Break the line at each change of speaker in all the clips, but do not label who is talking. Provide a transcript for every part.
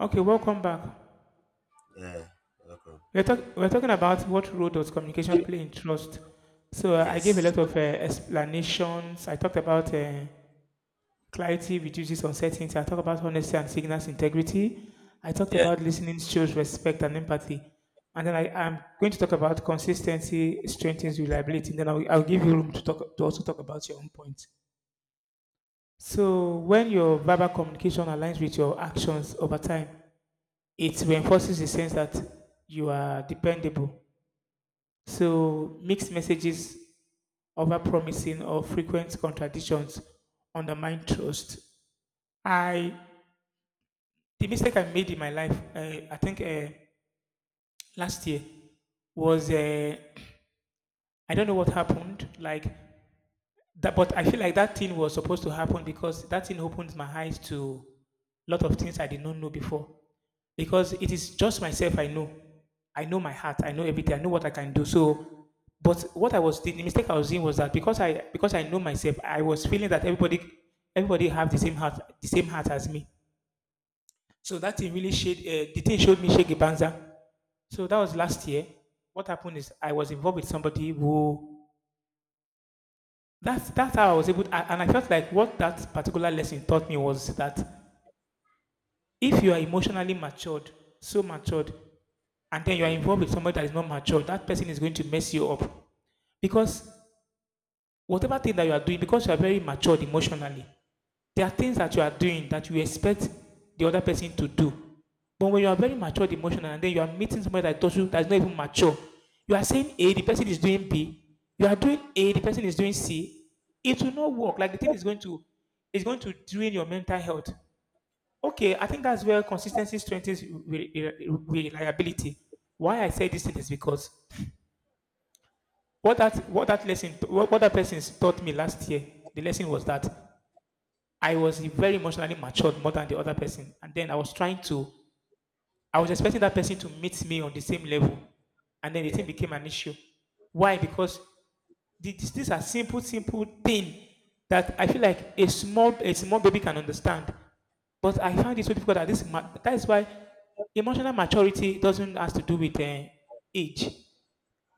Okay, welcome back.
Yeah. Okay.
We're talking about what role does communication play in trust. So I gave a
Yes.
lot of explanations. I talked about clarity reduces uncertainty. I talked about honesty and signals integrity. I talked
Yeah.
about listening shows respect and empathy. And then I am going to talk about consistency strengthens reliability. And then I'll give you room to talk to also talk about your own point. So when your verbal communication aligns with your actions over time, it reinforces the sense that you are dependable. So mixed messages, over promising or frequent contradictions undermine trust. I the mistake I made in my life, I think last year, was I don't know what happened. Like that, but I feel like that thing was supposed to happen because that thing opened my eyes to a lot of things I did not know before. Because it is just myself I know. I know my heart. I know everything. I know what I can do. So, but what I was the mistake I was in was that because I know myself, I was feeling that everybody have the same heart as me. So that thing really shade the thing showed me Shaggy Banza. So that was last year. What happened is I was involved with somebody who that's how I was able to, and I felt like what that particular lesson taught me was that if you are emotionally matured, so matured, and then you are
Mm-hmm.
involved with somebody that is not matured, that person is going to mess you up because whatever thing that you are doing, because you are very matured emotionally, there are things that you are doing that you expect the other person to do. But when you are very matured emotional and then you are meeting somebody that's not even mature, you are saying A, the person is doing B, you are doing A, the person is doing C, it will not work. Like the thing is going to drain your mental health. Okay, I think that's where consistency strengthens reliability. Why I say this thing is because what that lesson what that person taught me last year, the lesson was that I was very emotionally matured more than the other person. And then I was expecting that person to meet me on the same level. And then the thing
Yeah.
became an issue. Why? Because these are simple, simple thing that I feel like a small baby can understand. But I
Mm-hmm.
found it so difficult that that is why emotional maturity doesn't has to do with age.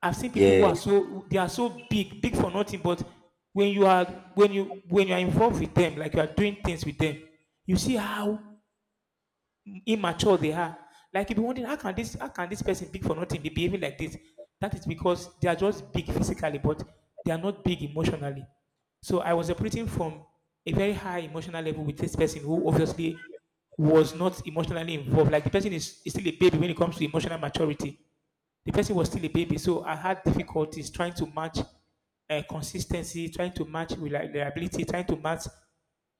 I've seen people who
Yeah.
are so they are so big, big for nothing. But when you are when you are involved with them, like you are doing things with them, you see how immature they are. Like you be wondering how can this person big for nothing be behaving like this? That is because they are just big physically, but they are not big emotionally. So I was operating from a very high emotional level with this person who obviously was not emotionally involved. Like the person is still a baby when it comes to emotional maturity, the person was still a baby, so I had difficulties trying to match consistency, trying to match reliability, trying to match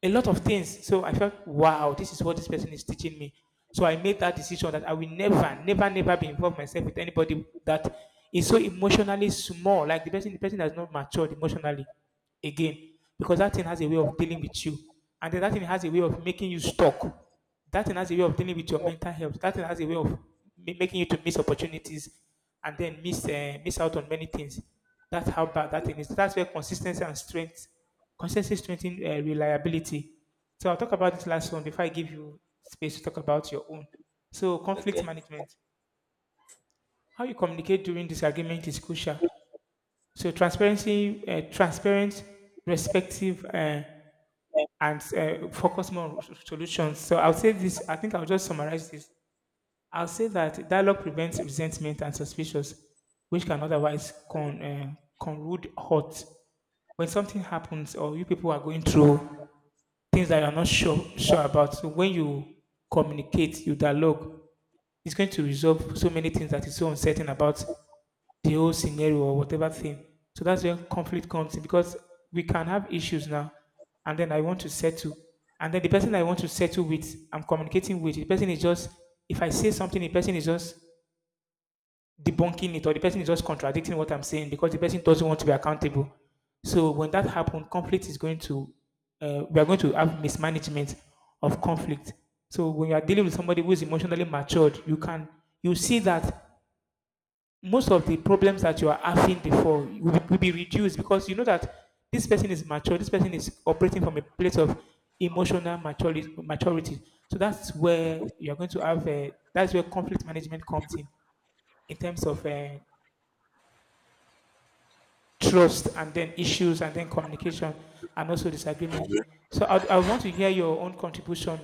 a lot of things. So I felt, wow, this is what this person is teaching me. So I made that decision that I will never, never, never be involved myself with anybody that is so emotionally small. Like the person has not matured emotionally again because that thing has a way of dealing with you, and then that thing has a way of making you stuck. That thing has a way of dealing with your mental health. That thing has a way of making you to miss opportunities and then miss out on many things. That's how bad that thing is. That's where consistency strengthening reliability. So I'll talk about this last one before I give you space to talk about your own. So conflict
Okay.
management, how you communicate during disagreement is crucial. So transparent, respective, and focus more on solutions. So I'll say this. I think I'll just summarize this. I'll say that dialogue prevents resentment and suspicions, which can otherwise conrude hurt. When something happens or you people are going through things that you're not sure about, so when you communicate, you dialogue, it's going to resolve so many things that is so uncertain about the whole scenario or whatever thing. So that's where conflict comes in because we can have issues now and then I want to settle. And then the person I want to settle with, I'm communicating with, the person is just, if I say something, the person is just debunking it or the person is just contradicting what I'm saying because the person doesn't want to be accountable. So when that happens, conflict is going to we are going to have mismanagement of conflict. So when you are dealing with somebody who is emotionally matured, you see that most of the problems that you are having before will be reduced because you know that this person is mature. This person is operating from a place of emotional maturity. So that's where you are going to have that's where conflict management comes in terms of trust and then issues and then communication and also disagreement. So I want to hear your own contribution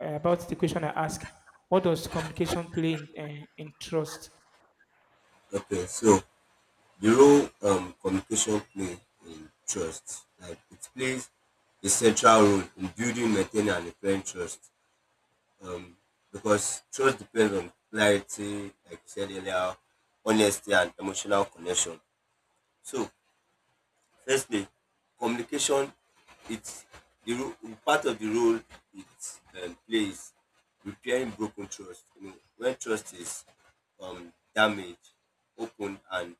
about the question I asked. What does communication play in trust?
Okay. So the role communication play in trust, like it plays a central role in building, maintaining, and repairing trust. Um, because trust depends on clarity, like you said earlier, honesty, and emotional connection. So firstly, communication it's the part of the role it plays repairing broken trust. You know, when trust is damaged, open and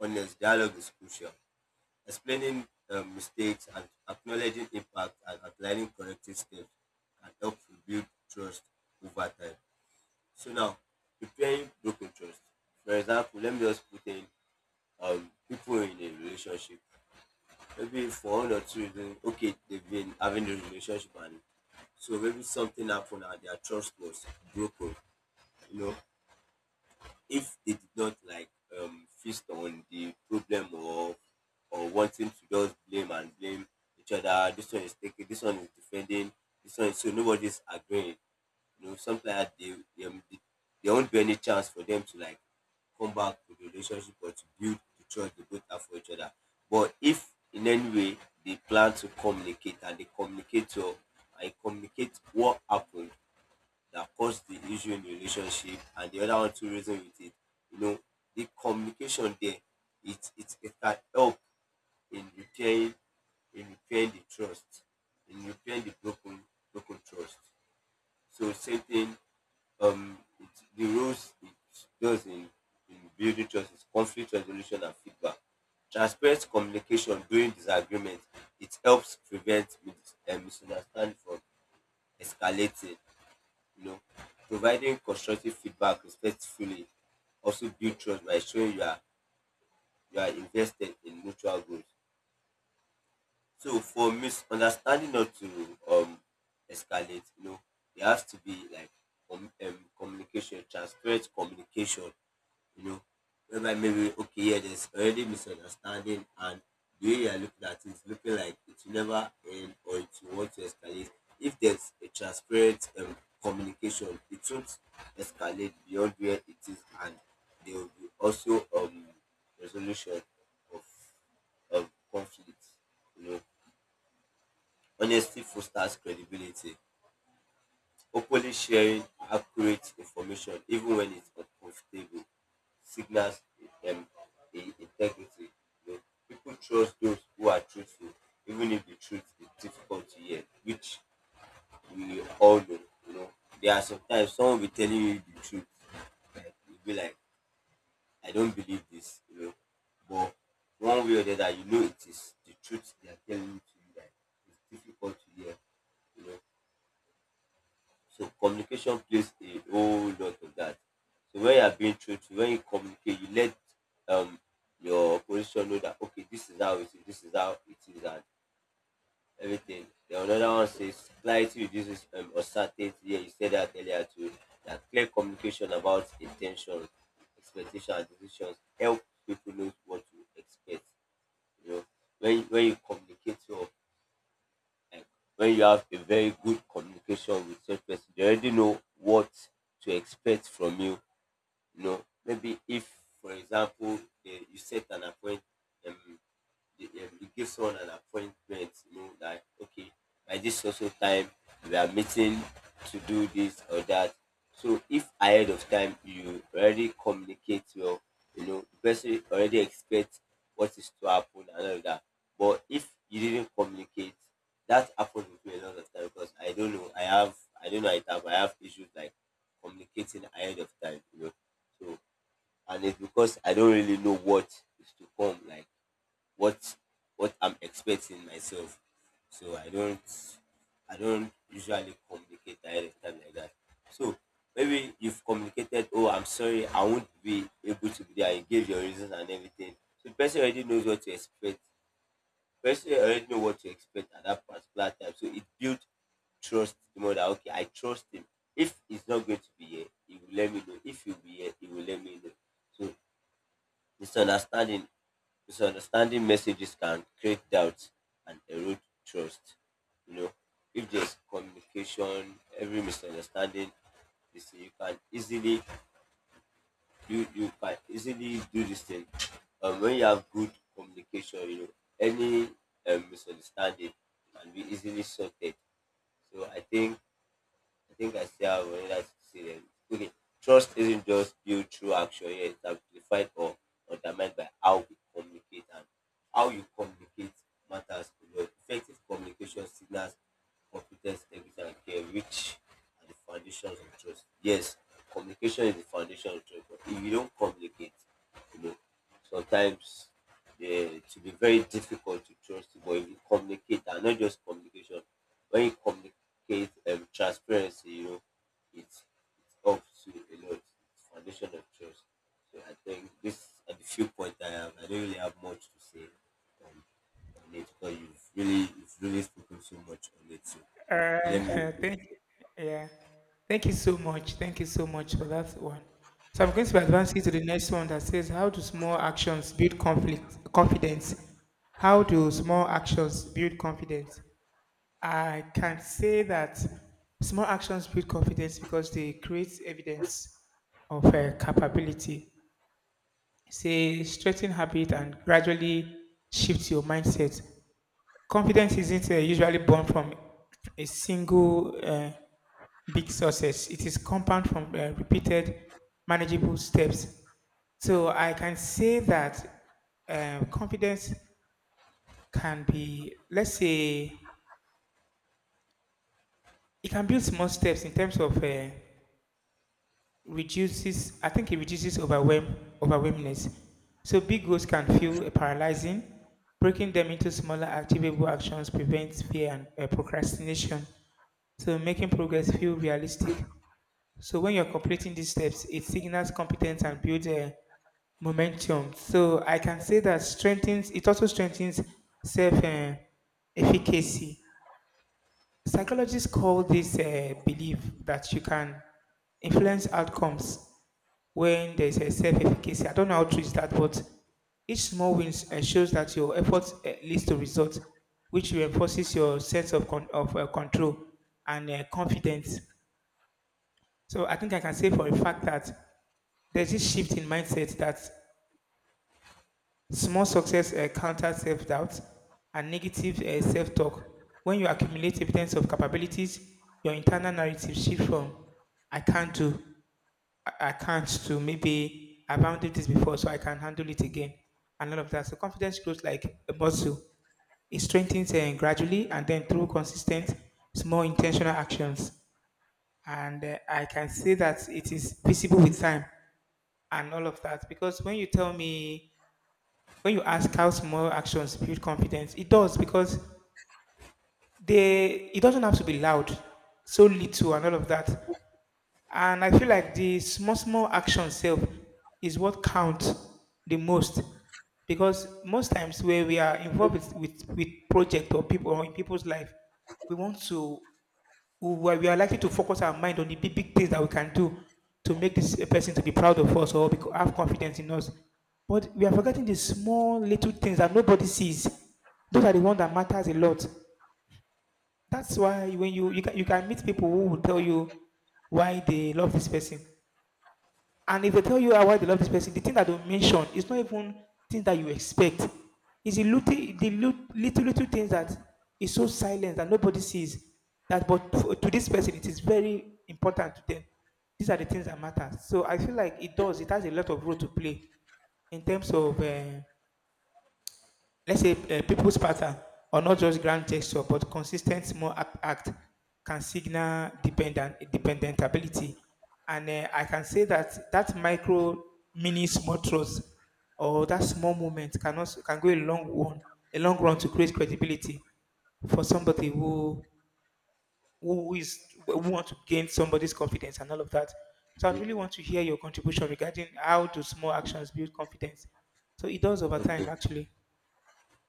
honest dialogue is crucial. Explaining mistakes and acknowledging impact and applying corrective steps can help rebuild trust over time. So now, repairing broken trust. For example, let me just put in people in a relationship, maybe for one or two reasons, okay, they've been having the relationship, and so maybe something happened and their trust was broken. You know, if they did not like feast on the problem or wanting to just blame and blame each other, this one is taking, this one is defending, this one is so nobody's agreeing, you know, something like there won't be any chance for them to like come back to the relationship or to build the trust they both have for each other. But if in any way they plan to communicate and they communicate well and communicate what happened that caused the issue in the relationship and the other one to reason with it, you know, the communication there it can help in repairing, the trust, in repairing the broken trust. So same thing, um, it, the roles it does in building trust is conflict resolution and feedback. Transparent communication during disagreement, it helps prevent misunderstanding from escalating, you know. Providing constructive feedback respectfully also build trust by showing you are invested in mutual goals. So for misunderstanding not to um escalate, you know, there has to be like communication, transparent communication, you know, whereby maybe okay, yeah, there's already misunderstanding, and the way you are looking at it, looking like it will never end or it will want to escalate. If there's a transparent communication, it won't escalate beyond where it is, and there will be also resolution of conflict. You know, honesty fosters credibility. Openly sharing accurate information even when it's uncomfortable signals um, integrity. You know, people trust those who are truthful, even if the truth is difficult to hear, which we all know. You know, there are sometimes someone will be telling you the truth, like you'll be like, I don't believe this, you know. But one way or the other, you know it is the truth they are telling you to you that it's difficult to hear, you know. So communication plays a whole lot of that. So when you are being truthful, when you communicate, you let um your position know that okay, this is how it is, this is how it is, and everything. Then another one says clarity reduces uncertainty. Yeah, you said that earlier too. That clear communication about intention, expectation, and decisions help people know what to expect. You know, when you communicate your like when you have a very good communication with such person, they already know what to expect from you. You know, maybe if, for example, you set an appointment, um, it gives someone an appointment, you know, like, okay, by this social time, we are meeting to do this or that. So if ahead of time you already communicate well, you know, the person already expects what is to happen and all that. But if you didn't communicate, that happened with me a lot of time because I don't know, I have, I don't know, I have issues like communicating ahead of time, you know. So, and it's because I don't really know what is to come. Like, what what I'm expecting myself. So I don't usually communicate ahead of time like that. So maybe you've communicated, oh I'm sorry, I won't be able to be there and gave your reasons and everything. So the person already knows what to expect. Person already know what to expect at that particular time. So it builds trust the more that okay, I trust him. If he's not going to be here, he will let me know. If he'll be here, he will let me know. So misunderstanding, messages can create doubt and erode trust. You know, if there's communication, every misunderstanding, you see, you you can easily do this thing. When you have good communication, you know, any misunderstanding can be easily sorted. So I think I still have another succeeded. Okay, trust isn't just built through action, yeah, it's amplified or undermined by how we communicate, and how you communicate matters a lot. Effective communication signals competence, integrity, and care, which are the foundations of trust. Yes, communication is the foundation of trust, but if you don't communicate, you know, sometimes it will be very difficult to trust you. But if you communicate, and not just communication, when you communicate, Kate, transparency, you know, it's it's up to a lot. It's foundation of trust. So I think this are the few points I have. I don't really have much to say on, on it, but you've really spoken so much on it. So let me
Uh, thank, yeah. Thank you so much. Thank you so much for that one. So I'm going to advance you to the next one that says, how do small actions build confidence? How do small actions build confidence? I can say that small actions build confidence because they create evidence of capability. Say, strengthen habit and gradually shift your mindset. Confidence isn't usually born from a single big success. It is compound from repeated manageable steps. So I can say that confidence can be, let's say, it can build small steps in terms of reduces. I think it reduces overwhelmness, so big goals can feel paralyzing, breaking them into smaller achievable actions prevents fear and procrastination, so making progress feel realistic. So when you're completing these steps, it signals competence and builds momentum. So I can say that strengthens it also strengthens self efficacy. Psychologists call this belief that you can influence outcomes. When there's a self-efficacy, I don't know how true is that, but each small win ensures that your efforts leads to results, which reinforces your sense of control and confidence. So I think I can say for a fact that there's this shift in mindset that small success counters self-doubt and negative self-talk. When you accumulate evidence of capabilities, your internal narrative shifts from "I can't do" "I can't" to "maybe I've handled this before, so I can handle it again," and all of that. So confidence grows like a muscle. It strengthens gradually and then through consistent, small, intentional actions. And I can say that it is visible with time and all of that. Because when you tell me, when you ask how small actions build confidence, it does because they it doesn't have to be loud, so little and all of that. And I feel like the small, small action self is what counts the most. Because most times where we are involved with, with project or people or in people's life, we want to we are likely to focus our mind on the big, big things that we can do to make this person to be proud of us or have confidence in us. But we are forgetting the small little things that nobody sees. Those are the ones that matters a lot. That's why when you can meet people who will tell you why they love this person, and if they tell you "Ah, why they love this person," the thing that they mention is not even things that you expect. It's the little, little things that is so silent that nobody sees. That, but to this person, it is very important to them. These are the things that matter. So I feel like it does. It has a lot of role to play in terms of let's say people's pattern or not just grand gesture but consistent small act can signal dependent ability and I can say that that micro mini small trust or that small moment can also can go a long one a long run to create credibility for somebody who want to gain somebody's confidence and all of that. So I'd really want to hear your contribution regarding how do small actions build confidence. So it does over time
okay.
actually.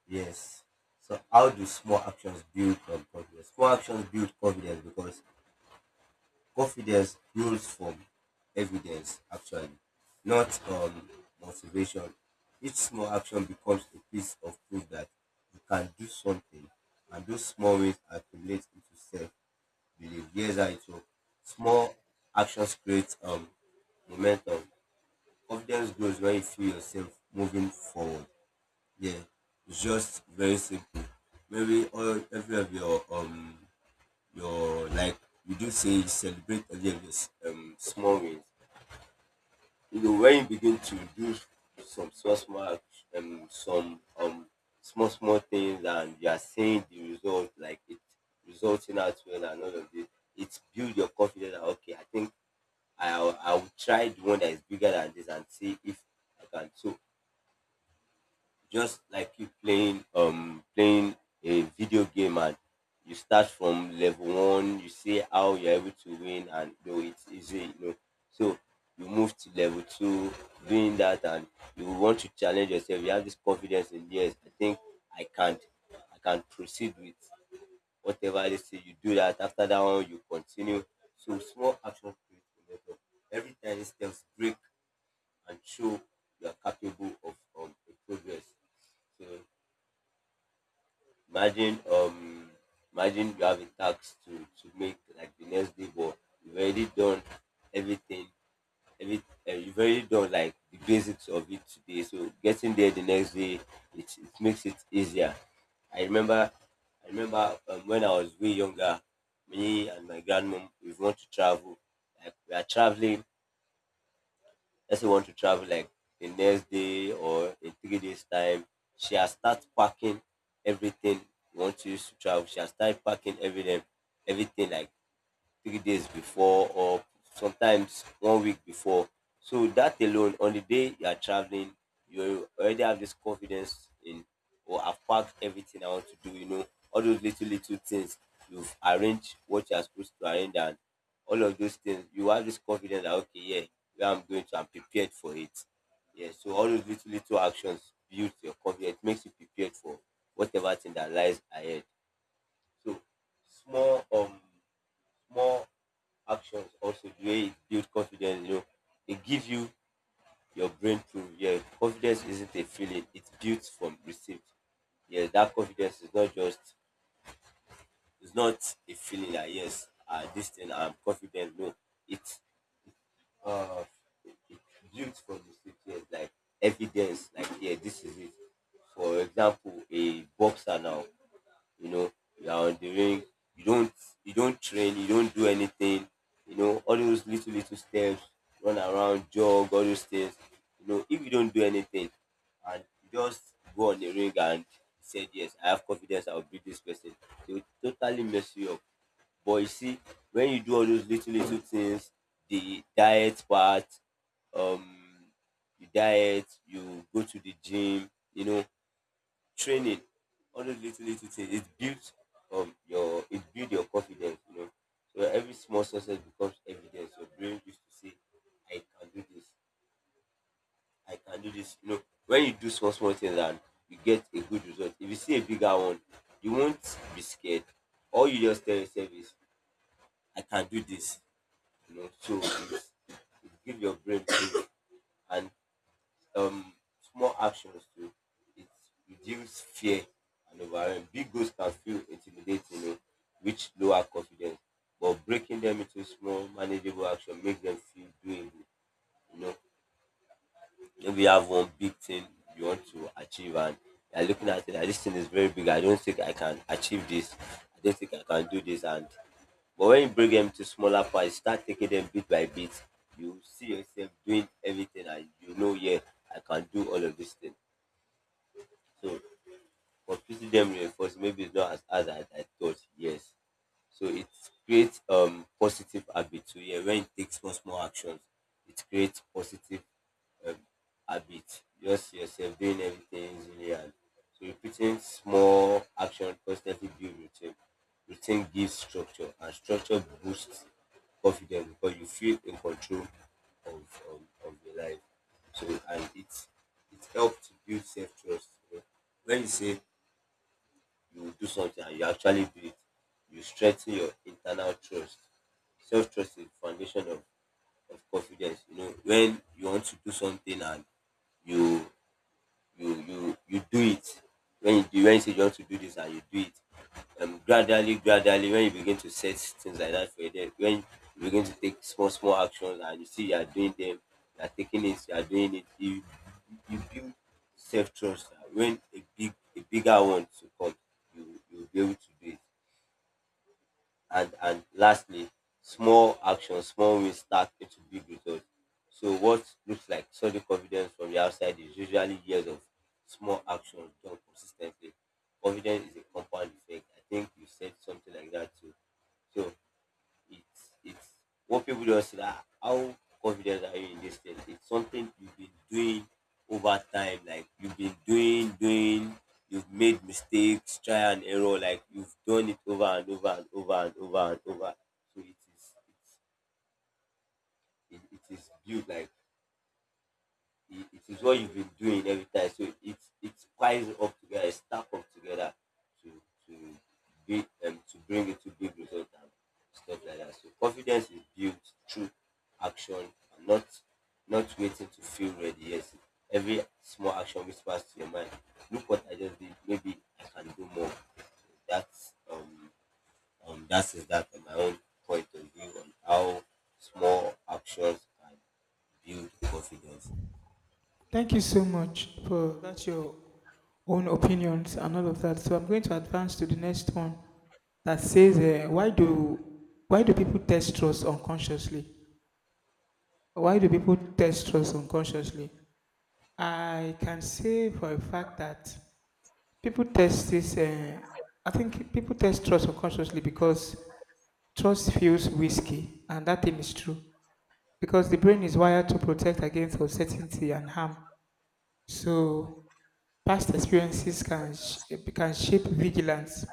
Yes. So how do small actions build confidence? Small actions build confidence because confidence grows from evidence, actually, not motivation. Each small action becomes a piece of proof that you can do something, and those small wins accumulate into self belief. Yes, I talk. Small actions create momentum. Confidence grows when you feel yourself moving forward. Yeah, it's just very simple. Maybe all every of your like we do say celebrate every of your small wins. You know when you begin to do some small small some small small things, and you are seeing the result like it resulting out well and all of this, it builds your confidence that okay I think I will try the one that is bigger than this and see if I can. So just like you playing playing a video game, and you start from level one, you see how you're able to win, and you know it's easy, you know. So you move to level two, doing that, and you want to challenge yourself, you have this confidence in, yes, I think I can't I can proceed with whatever they say, you do that, after that one you continue. So small action creates momentum, every tiny steps break and show you are capable of a progress. So imagine imagine you have a tax to make like the next day, but you've already done everything, every you've already done like the basics of it today, so getting there the next day, it makes it easier. I remember I remember when I was way younger, me and my grandmom we want to travel, like we are traveling, let's say you want to travel like the next day or in 3 days time, she has start packing everything you want to use to travel. She has started packing everything, everything like 3 days before or sometimes 1 week before. So that alone, on the day you are traveling, you already have this confidence in, or I've packed everything I want to do. You know, all those little little things you've arranged what you are supposed to arrange, and all of those things you have this confidence that okay, yeah, where I'm going to, I'm prepared for it. Yeah, so all those little little actions builds your confidence. It makes you prepared for whatever thing that lies ahead. So small small actions also where it builds confidence. You know, it gives you your brain proof. Yeah, confidence isn't a feeling; it's built from received. Yeah, that confidence is not just it's not a feeling like yes, this thing I'm confident. No, it's uh, it's built from received. Yes, like evidence. Like yeah, this is it. For example, a boxer now, you know, you are on the ring, you don't you don't train, you don't do anything, you know, all those little little steps, run around, jog, all those things, you know, if you don't do anything and you just go on the ring and said yes, I have confidence I will beat this person, they will totally mess you up. But you see, when you do all those little little things, the diet part, um you diet, you go to the gym, you know, training, all those little little things. It builds your it builds your confidence, you know. So every small success becomes evidence. Your brain used to say, I can do this, I can do this. You know, when you do small small things and you get a good result, if you see a bigger one, you won't be scared. All you just tell yourself is, I can do this. You know, so it gives your brain proof and, um, small actions to it reduce fear and overwhelm. Big goals can feel intimidating, eh, which lower confidence, but breaking them into small, manageable action makes them feel doable. You know, maybe you have one big thing you want to achieve, and you're looking at it like this thing is very big. I don't think I can achieve this. I don't think I can do this. And but when you break them to smaller parts, start taking them bit by bit. You see yourself doing everything, and you know, yeah, I can do all of these things. So computing dem reinforce maybe it's not as hard as I thought. Yes. So it creates positive habits. So yeah, when it takes small small actions, it creates positive, um, habit. Just yourself doing everything easily, and so repeating small action constantly build routine. Routine gives structure, and structure boosts confidence because you feel in control of your life. So, and it helps to build self trust. When you say you do something and you actually do it, you strengthen your internal trust. Self trust is the foundation of confidence. You know, when you want to do something and you you do it, when you say you want to do this and you do it, gradually gradually, when you begin to set things like that for your, when you begin to take small small actions and you see you are doing them, you are taking it, you are doing it, you build self trust. When a bigger one to come, you will be able to do it. And lastly, small actions, small wins stack into big results. So what looks like solid confidence from the outside is usually years of small actions done consistently. Confidence is a compound effect. I think you said something like that too. So it's what people just say, that how confident are you in this thing? It's something you've been doing over time, like you've been doing, you've made mistakes, try and error, like you've done it over and over and over and over and over. So it is built, like it is what you've been doing every time. So it piles up together, it stack up together to to be, to bring it to big results and stuff like that. So confidence is built through action and not waiting to feel ready. Yes, every small action whispers to your mind, look what I just did. Maybe I can do more. That's that is that my own point of view on how small actions can build confidence.
Thank you so much for that's your own opinions and all of that. So I'm going to advance to the next one that says, why do people test trust unconsciously? Why do people test trust unconsciously? I can say for a fact that people test this. I think people test trust unconsciously because trust feels risky, and that thing is true because the brain is wired to protect against uncertainty and harm. So past experiences can shape vigilance.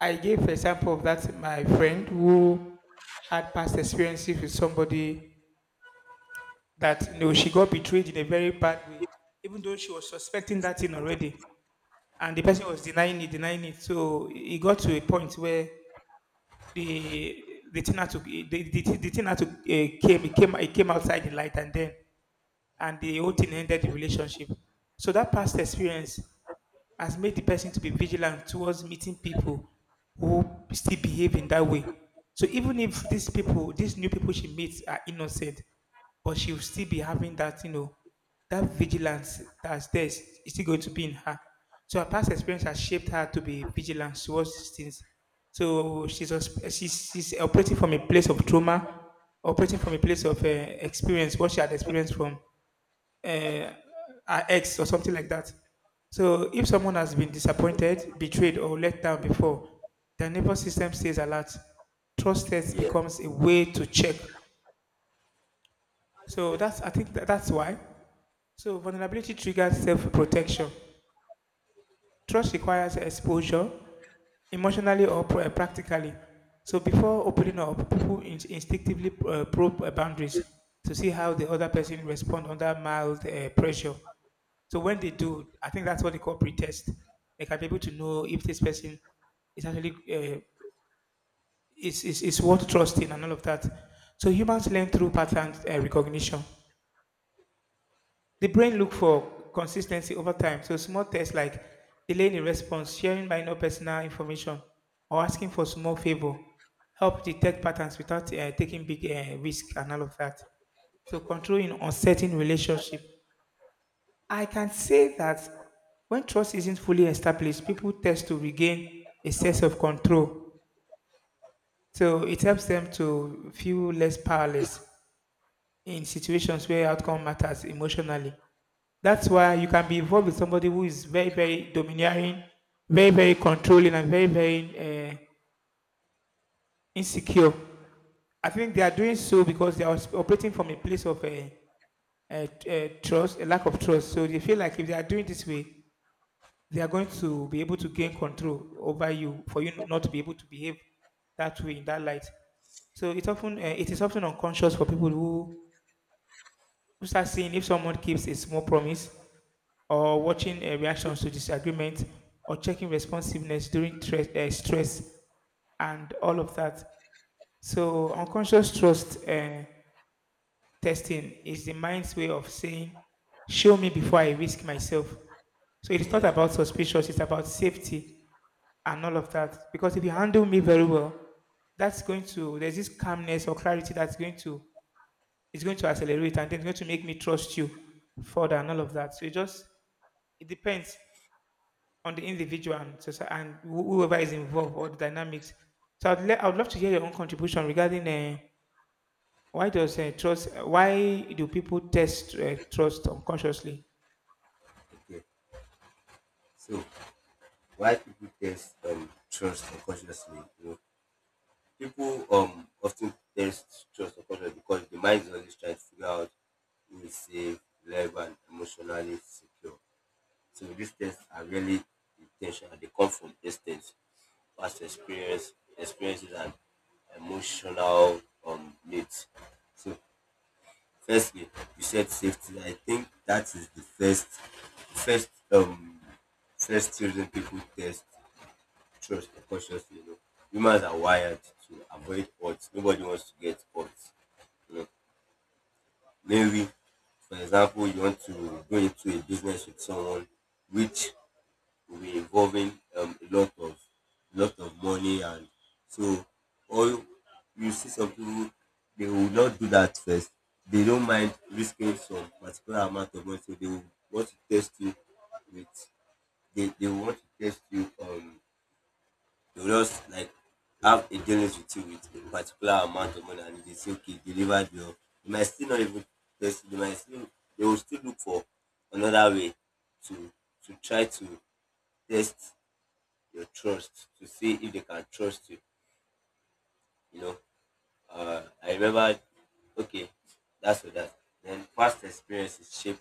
I gave an example of that my friend who had past experiences with somebody that, you know, she got betrayed in a very bad way, even though she was suspecting that thing already. And the person was denying it, denying it. So it got to a point where the the thing had to the, the, the thing had to came outside the light, and then and the whole thing ended the relationship. So that past experience has made the person to be vigilant towards meeting people who still behave in that way. So even if these people, these new people she meets are innocent, but she will still be having that, you know, that vigilance that's there is still going to be in her. So her past experience has shaped her to be vigilant towards these things. So she's operating from a place of trauma, operating from a place of experience, what she had experienced from uh, her ex or something like that. So if someone has been disappointed, betrayed, or let down before, their nervous system stays alert. Trust test
Yeah.
becomes a way to check. So that's that's why. So vulnerability triggers self-protection. Trust requires exposure, emotionally or practically. So before opening up, people instinctively probe boundaries to see how the other person responds under mild pressure. So when they do, I think that's what they call pre-test. They can be able to know if this person is actually is worth trusting and all of that. So humans learn through pattern recognition. The brain look for consistency over time. So small tests like delaying a response, sharing minor personal information, or asking for small favor help detect patterns without taking big risk and all of that. So controlling uncertain relationship, I can say that when trust isn't fully established, people tend to regain a sense of control. So it helps them to feel less powerless in situations where outcome matters emotionally. That's why you can be involved with somebody who is very, very domineering, very, very controlling, and very, very uh, insecure. I think they are doing so because they are operating from a place of a trust, a lack of trust. So they feel like if they are doing this way, they are going to be able to gain control over you for you not to be able to behave that way in that light. So it's often it is often unconscious for people who start seeing if someone keeps a small promise or watching reactions to disagreement or checking responsiveness during stress and all of that. So unconscious trust testing is the mind's way of saying, "Show me before I risk myself." So it is not
Yeah,
about suspicious; it's about safety and all of that. Because if you handle me very well, that's going to there's this calmness or clarity that's going to it's going to accelerate, and then it's going to make me trust you further and all of that. So it just it depends on the individual and whoever is involved or the dynamics. So I would love to hear your own contribution regarding why do people test trust unconsciously?
okay. So why people test trust unconsciously? You know, people often test trust unconsciously because the mind is always trying to figure out who is safe, reliable, and emotionally secure. So these tests are really intentional. They come from instincts, past experiences, and emotional needs. So, firstly, you said safety. I think that is the first children people test trust consciously. You know, humans are wired to avoid odds. Nobody wants to get odds. You know, maybe, for example, you want to go into a business with someone which will be involving, a lot of money, and so all, you see some people, they will not do that first. They don't mind risking some particular amount of money, so they will want to test you with. They will want to test you, they will just like have a dealings with you with a particular amount of money, and if they say okay deliver your, they might still not even test you, they might still, they will still look for another way to to try to test your trust to see if they can trust you. You know, I remember, okay, that's what that. Then past experiences shape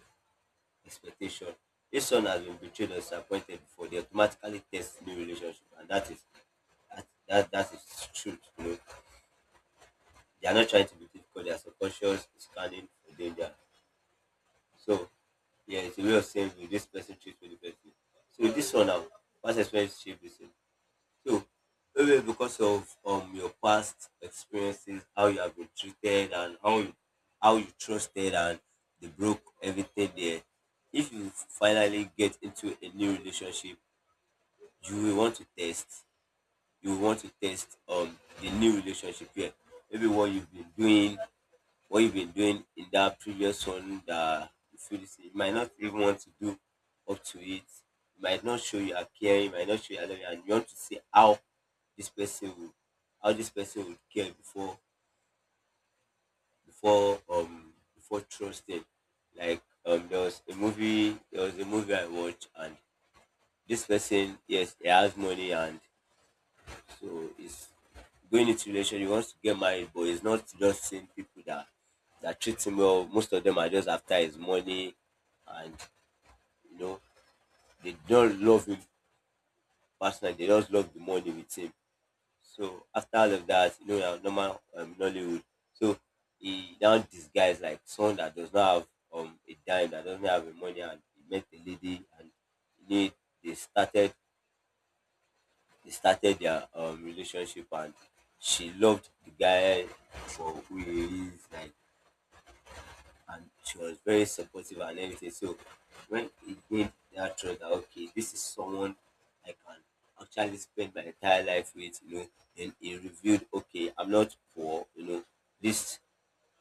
expectation. If someone has been betrayed or disappointed before, they automatically test new relationship, and that is truth. You know, they are not trying to be difficult. They are subconscious scanning for danger. So, yeah, it's a way of saying will this person treats me differently. So this one now, past experience shape this. So maybe because of your past experiences, how you have been treated and how you trusted and they broke everything there. If you finally get into a new relationship, you will want to test. You will want to test the new relationship here. Maybe what you've been doing, what you've been doing in that previous one, that you feel this, you might not even want to do up to it. You might not show you are caring, you might not show you are loving, and you want to see this person will how this person would care before trusting. Like, there was a movie I watched, and this person, yes, he has money, and so it's going into relation, he wants to get married, but he's not just seeing people that treat him well. Most of them are just after his money, and, you know, they don't love him personally. They just love the money with him. So after all of that, you know, we have normal, Nollywood. So he now disguised like someone that does not have a dime, that doesn't have the money, and he met a lady, and he, they started their, relationship, and she loved the guy for who he is, like, and she was very supportive and everything. So when it gained that trust that, okay, this is someone I can actually spend my entire life with, you know, then he revealed, okay, I'm not poor. You know, this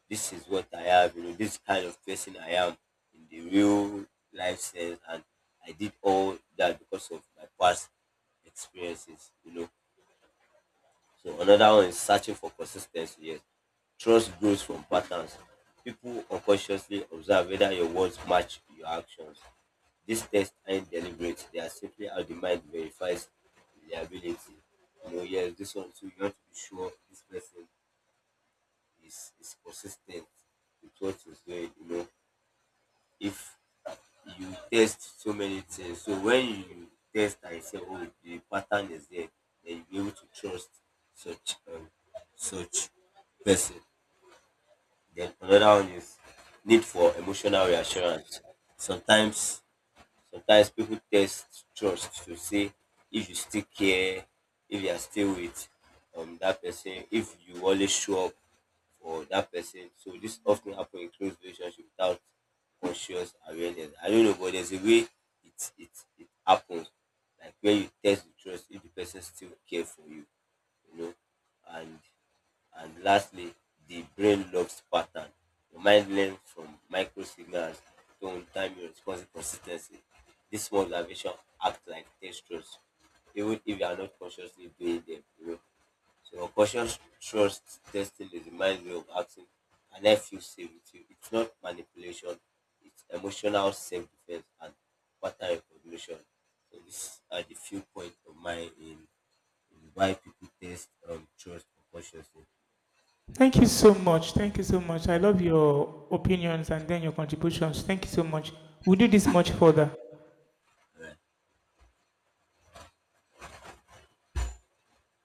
this is what I have, you know, this kind of person I am in the real life sense, and I did all that because of my past experiences, you know. So another one is searching for consistency. Yes. Trust grows from patterns. People unconsciously observe whether your words match your actions. These tests aren't deliberate. They are simply how the mind verifies reliability. You know, yes, this one too, you want to be sure this person is consistent with what he's doing. You know, if you test so many things. So when you test and you say, oh, the pattern is there, then you be able to trust such um, such person. Then another one is need for emotional reassurance. Sometimes sometimes people test trust to see if you still care, if you are still with, that person, if you always show up for that person. So this often happen in close relationship without conscious awareness, I don't know, but there's a way it happens, like when you test the trust if the person still care for you, you know. And and lastly, the brain loves pattern. Your mind learns from micro signals, tone, timing, response, and consistency. These small observations act like test truths, even if you are not consciously doing them. You know? So, unconscious trust testing is the mind's way of asking, can I feel safe with you? It's not manipulation, it's emotional self defense and pattern recognition. So, these are the few points of mine in why people test, trust unconsciously.
Thank you so much. Thank you so much. I love your opinions and then your contributions. Thank you so much. We'll do this much further.
Alright.